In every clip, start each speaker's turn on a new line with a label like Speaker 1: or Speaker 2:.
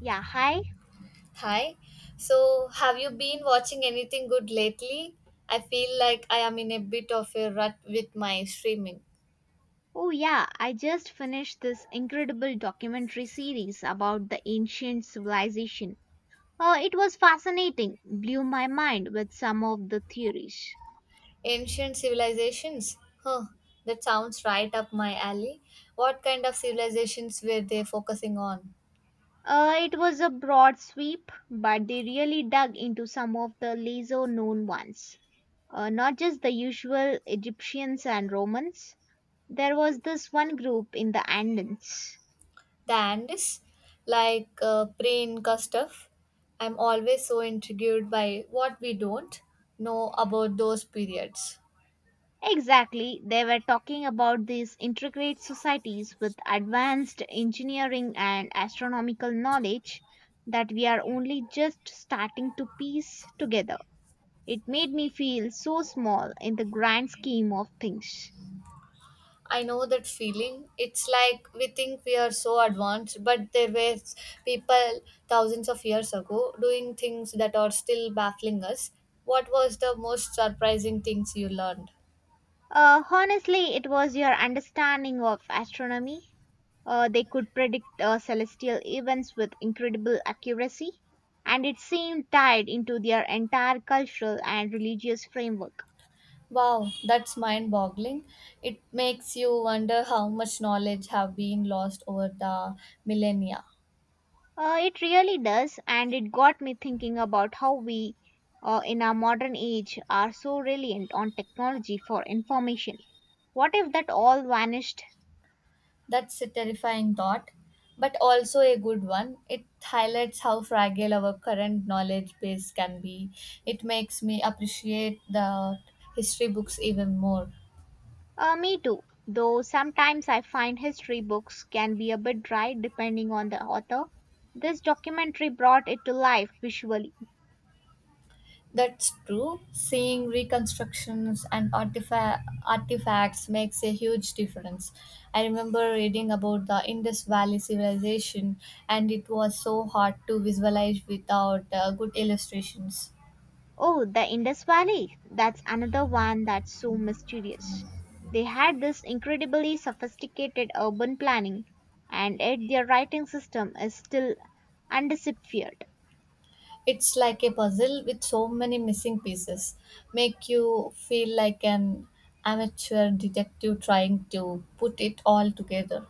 Speaker 1: Yeah, hi.
Speaker 2: Hi. So, have you been watching anything good lately? I feel like I am in a bit of a rut with my streaming.
Speaker 1: Oh, yeah, I just finished this incredible documentary series about the ancient civilization. It was fascinating, blew my mind with some of the theories.
Speaker 2: Ancient civilizations? Huh, that sounds right up my alley. What kind of civilizations were they focusing on?
Speaker 1: It was a broad sweep, but they really dug into some of the lesser known ones. Not just the usual Egyptians and Romans, there was this one group in the Andins.
Speaker 2: The Andes? Like pre Inca stuff? I'm always so intrigued by what we don't know about those periods.
Speaker 1: Exactly, they were talking about these intricate societies with advanced engineering and astronomical knowledge that we are only just starting to piece together. It made me feel so small in the grand scheme of things.
Speaker 2: I know that feeling. It's like we think we are so advanced, but there were people thousands of years ago doing things that are still baffling us. What was the most surprising things you learned?
Speaker 1: Honestly, it was your understanding of astronomy. They could predict celestial events with incredible accuracy, and it seemed tied into their entire cultural and religious framework.
Speaker 2: Wow, that's mind boggling. It makes you wonder how much knowledge have been lost over the millennia.
Speaker 1: It really does, and it got me thinking about how we, in our modern age, are so reliant on technology for information. What if that all vanished?
Speaker 2: That's a terrifying thought, but also a good one. It highlights how fragile our current knowledge base can be. It makes me appreciate the history books even more.
Speaker 1: Me too, though sometimes I find history books can be a bit dry depending on the author. This documentary brought it to life visually.
Speaker 2: That's true. Seeing reconstructions and artifacts makes a huge difference. I remember reading about the Indus Valley civilization, and it was so hard to visualize without good illustrations.
Speaker 1: Oh, the Indus Valley. That's another one that's so mysterious. They had this incredibly sophisticated urban planning, and yet their writing system is still undeciphered.
Speaker 2: It's like a puzzle with so many missing pieces. Make you feel like an amateur detective trying to put it all together.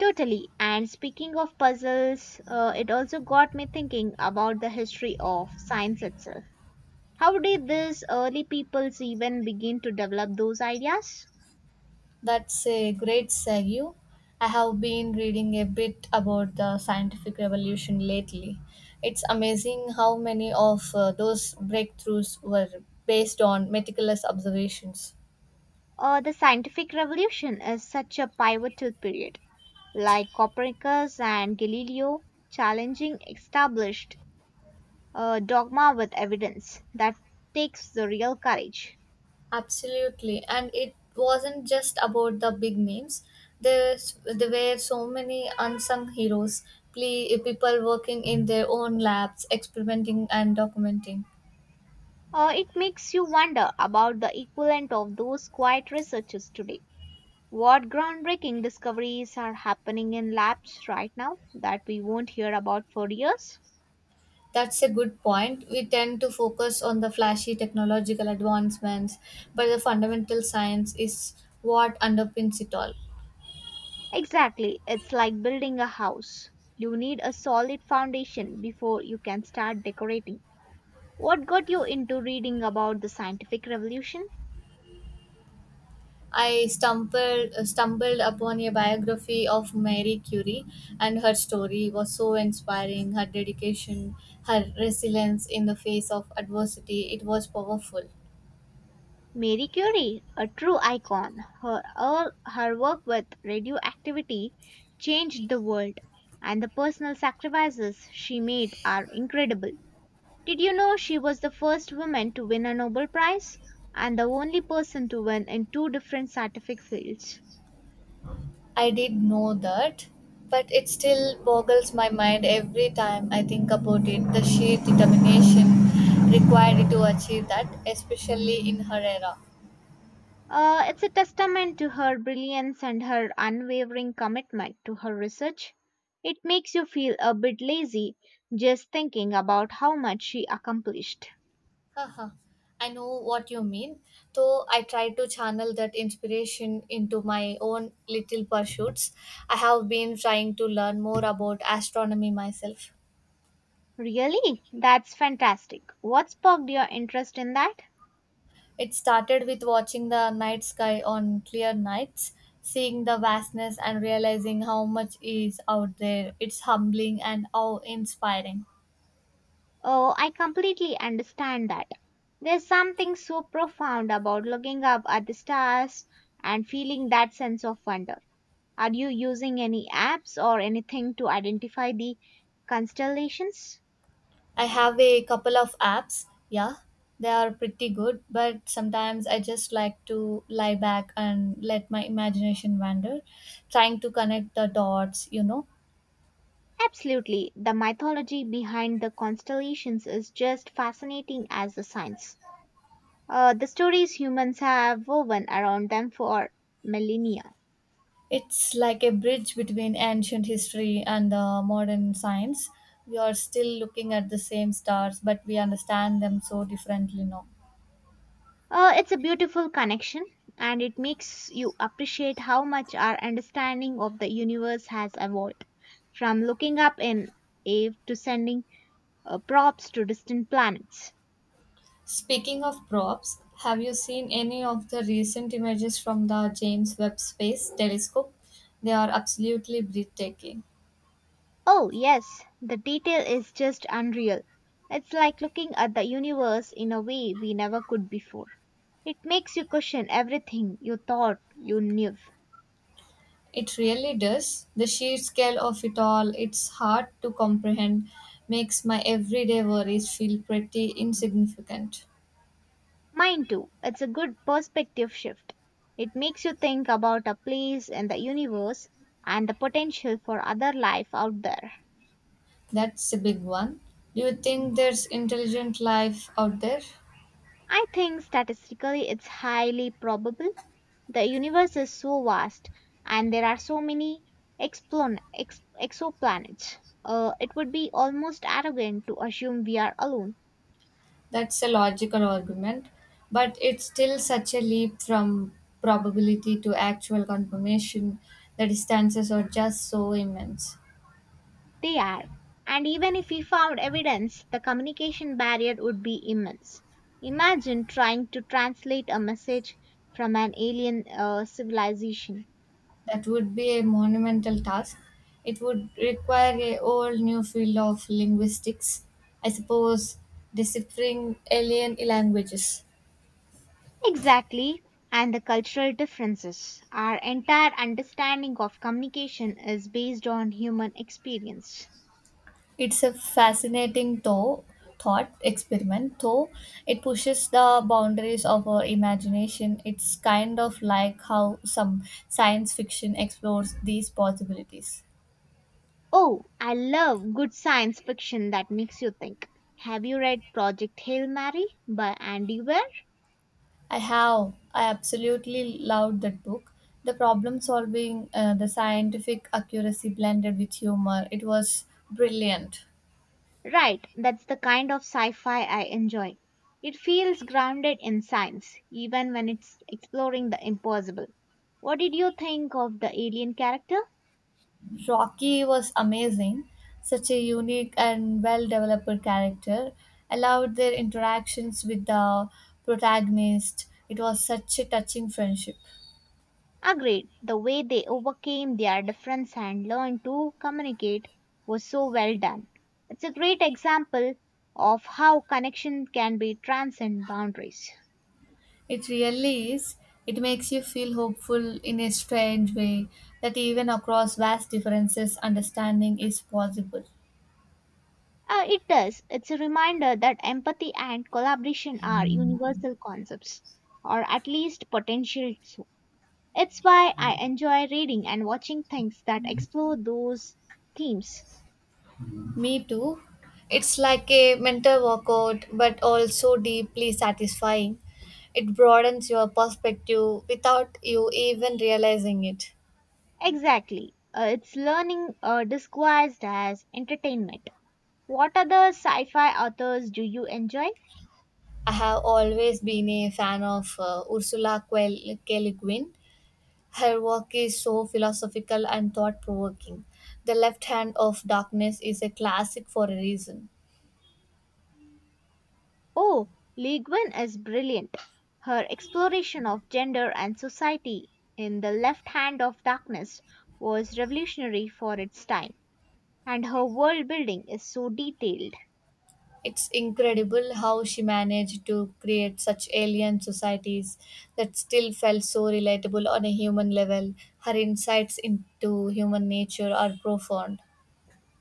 Speaker 1: Totally. And speaking of puzzles, it also got me thinking about the history of science itself. How did these early peoples even begin to develop those ideas?
Speaker 2: That's a great segue. I have been reading a bit about the scientific revolution lately. It's amazing how many of those breakthroughs were based on meticulous observations.
Speaker 1: The scientific revolution is such a pivotal period. Like Copernicus and Galileo, challenging established dogma with evidence. That takes the real courage.
Speaker 2: Absolutely, and it wasn't just about the big names. There, there were so many unsung heroes, play, people working in their own labs, experimenting and documenting.
Speaker 1: It makes you wonder about the equivalent of those quiet researchers today. What groundbreaking discoveries are happening in labs right now that we won't hear about for years?
Speaker 2: That's a good point. We tend to focus on the flashy technological advancements, but the fundamental science is what underpins it all.
Speaker 1: Exactly, it's like building a house. You need a solid foundation before you can start decorating. What got you into reading about the scientific revolution?
Speaker 2: I stumbled upon a biography of Marie Curie, and her story was so inspiring. Her dedication, her resilience in the face of adversity, it was powerful.
Speaker 1: Marie Curie, a true icon, her, all her work with radioactivity changed the world, and the personal sacrifices she made are incredible. Did you know she was the first woman to win a Nobel Prize and the only person to win in two different scientific fields?
Speaker 2: I did know that, but it still boggles my mind every time I think about it. The sheer determination required to achieve that, especially in her era.
Speaker 1: It's a testament to her brilliance and her unwavering commitment to her research. It makes you feel a bit lazy just thinking about how much she accomplished.
Speaker 2: Haha, I know what you mean. Though I try to channel that inspiration into my own little pursuits, I have been trying to learn more about astronomy myself.
Speaker 1: Really? That's fantastic. What sparked your interest in that?
Speaker 2: It started with watching the night sky on clear nights, seeing the vastness and realizing how much is out there. It's humbling and awe inspiring.
Speaker 1: Oh, I completely understand that. There's something so profound about looking up at the stars and feeling that sense of wonder. Are you using any apps or anything to identify the constellations?
Speaker 2: I have a couple of apps. Yeah, they are pretty good, but sometimes I just like to lie back and let my imagination wander, trying to connect the dots.
Speaker 1: Absolutely. The mythology behind the constellations is just fascinating as a science. The stories humans have woven around them for millennia.
Speaker 2: It's like a bridge between ancient history and modern science. We are still looking at the same stars, but we understand them so differently now.
Speaker 1: It's a beautiful connection and it makes you appreciate how much our understanding of the universe has evolved from looking up in air to sending props to distant planets.
Speaker 2: Speaking of props, have you seen any of the recent images from the James Webb Space Telescope? They are absolutely breathtaking.
Speaker 1: Oh, yes, the detail is just unreal. It's like looking at the universe in a way we never could before. It makes you question everything you thought you knew.
Speaker 2: It really does. The sheer scale of it all, it's hard to comprehend, makes my everyday worries feel pretty insignificant.
Speaker 1: Mine too. It's a good perspective shift. It makes you think about a place in the universe and the potential for other life out there.
Speaker 2: That's a big one. Do you think there's intelligent life out there?
Speaker 1: I think statistically it's highly probable. The universe is so vast and there are so many exoplanets. It would be almost arrogant to assume we are alone.
Speaker 2: That's a logical argument, but it's still such a leap from probability to actual confirmation. The distances are just so immense.
Speaker 1: They are. And even if we found evidence, the communication barrier would be immense. Imagine trying to translate a message from an alien civilization.
Speaker 2: That would be a monumental task. It would require a whole new field of linguistics, I suppose, deciphering alien languages.
Speaker 1: Exactly. And the cultural differences. Our entire understanding of communication is based on human experience.
Speaker 2: It's a fascinating though thought experiment, though it pushes the boundaries of our imagination. It's kind of like how some science fiction explores these possibilities.
Speaker 1: Oh, I love good science fiction that makes you think. Have you read Project Hail Mary by Andy Weir?
Speaker 2: I have. I absolutely loved that book. The problem solving, the scientific accuracy blended with humor. It was brilliant.
Speaker 1: Right, that's the kind of sci fi I enjoy. It feels grounded in science, even when it's exploring the impossible. What did you think of the alien character?
Speaker 2: Rocky was amazing. Such a unique and well developed character. I loved their interactions with the protagonist. It was such a touching friendship.
Speaker 1: Agreed, the way they overcame their difference and learned to communicate was so well done. It's a great example of how connection can be transcend boundaries.
Speaker 2: It really is. It makes you feel hopeful in a strange way that even across vast differences, understanding is possible.
Speaker 1: It does. It's a reminder that empathy and collaboration are universal concepts, or at least potential. It's why I enjoy reading and watching things that explore those themes.
Speaker 2: Me too. It's like a mental workout, but also deeply satisfying. It broadens your perspective without you even realizing it.
Speaker 1: Exactly. It's learning disguised as entertainment. What other sci fi authors do you enjoy?
Speaker 2: I have always been a fan of K. Le Guin. Her work is so philosophical and thought provoking. The Left Hand of Darkness is a classic for a reason.
Speaker 1: Oh, Lee Guin is brilliant. Her exploration of gender and society in The Left Hand of Darkness was revolutionary for its time, and her world building is so detailed.
Speaker 2: It's incredible how she managed to create such alien societies that still felt so relatable on a human level. Her insights into human nature are profound.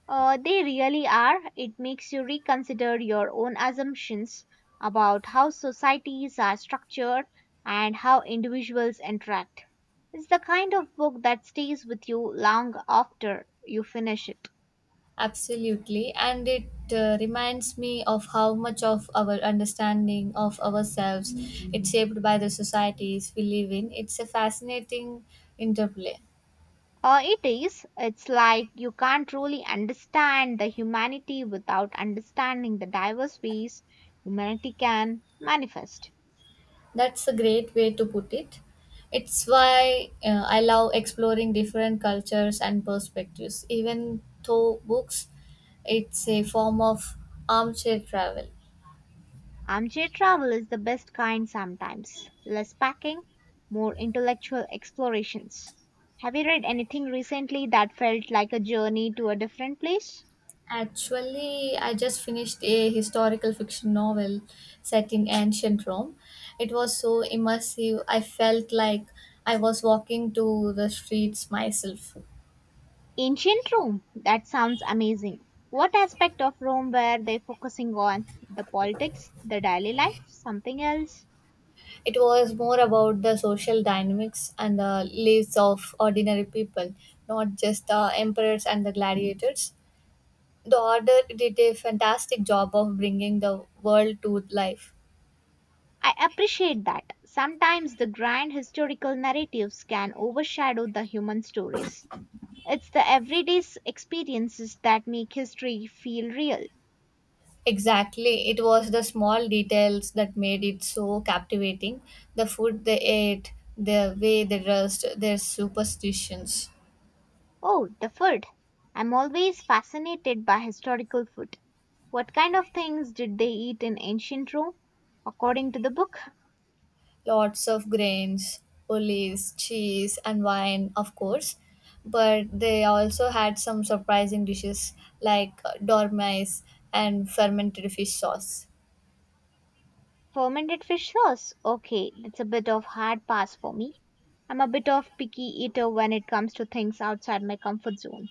Speaker 1: They really are. It makes you reconsider your own assumptions about how societies are structured and how individuals interact. It's the kind of book that stays with you long after you finish it.
Speaker 2: Absolutely, and it reminds me of how much of our understanding of ourselves it's shaped by the societies we live in. It's a fascinating interplay.
Speaker 1: It is. It's like you can't really understand the humanity without understanding the diverse ways humanity can manifest.
Speaker 2: That's a great way to put it. It's why I love exploring different cultures and perspectives. Even though books, it's a form of armchair travel.
Speaker 1: Armchair travel is the best kind sometimes. Less packing, more intellectual explorations. Have you read anything recently that felt like a journey to a different place?
Speaker 2: Actually, I just finished a historical fiction novel set in ancient Rome. It was so immersive, I felt like I was walking to the streets myself.
Speaker 1: Ancient Rome. That sounds amazing. What aspect of Rome were they focusing on? The politics, the daily life, something else?
Speaker 2: It was more about the social dynamics and the lives of ordinary people, not just the emperors and the gladiators. The order did a fantastic job of bringing the world to life.
Speaker 1: I appreciate that. Sometimes the grand historical narratives can overshadow the human stories. It's the everyday experiences that make history feel real.
Speaker 2: Exactly, it was the small details that made it so captivating. The food they ate, the way they dressed, their superstitions.
Speaker 1: Oh, the food. I'm always fascinated by historical food. What kind of things did they eat in ancient Rome? According to the book,
Speaker 2: Lots of grains, olives, cheese, and wine, of course. But they also had some surprising dishes like dormice and fermented fish sauce.
Speaker 1: fermented fish sauce. Okay, that's a bit of hard pass for me. I'm a bit of picky eater when it comes to things outside my comfort zone.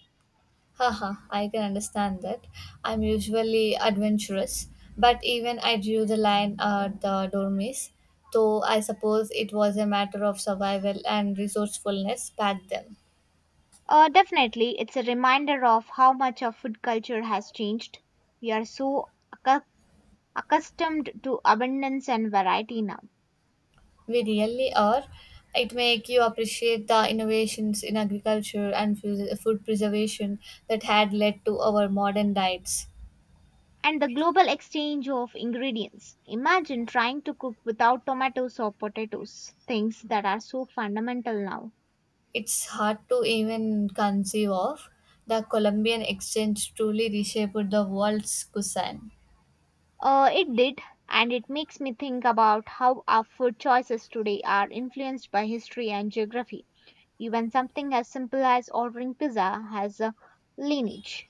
Speaker 2: Haha, I can understand that. I'm usually adventurous, but even I drew the line at the dormice, though I suppose it was a matter of survival and resourcefulness back then.
Speaker 1: Definitely, it's a reminder of how much our food culture has changed. We are so accu- accustomed to abundance and variety now.
Speaker 2: We really are. It make you appreciate the innovations in agriculture and food preservation that had led to our modern diets.
Speaker 1: And the global exchange of ingredients. Imagine trying to cook without tomatoes or potatoes, things that are so fundamental now.
Speaker 2: It's hard to even conceive of. The Colombian exchange truly reshaped the world's cuisine.
Speaker 1: It did, and it makes me think about how our food choices today are influenced by history and geography. Even something as simple as ordering pizza has a lineage.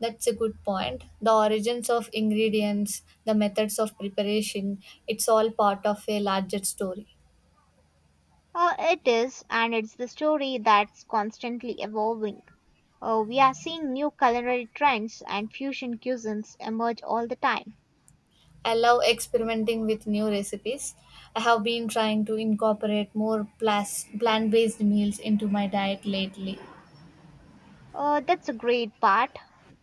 Speaker 2: That's a good point. The origins of ingredients, the methods of preparation, it's all part of a larger story.
Speaker 1: It is, and it's the story that's constantly evolving. We are seeing new culinary trends and fusion cuisines emerge all the time.
Speaker 2: I love experimenting with new recipes. I have been trying to incorporate more plant based meals into my diet lately.
Speaker 1: That's a great part.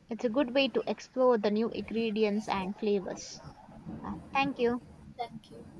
Speaker 1: It's a good way to explore the new ingredients and flavors. Thank you.
Speaker 2: Thank you.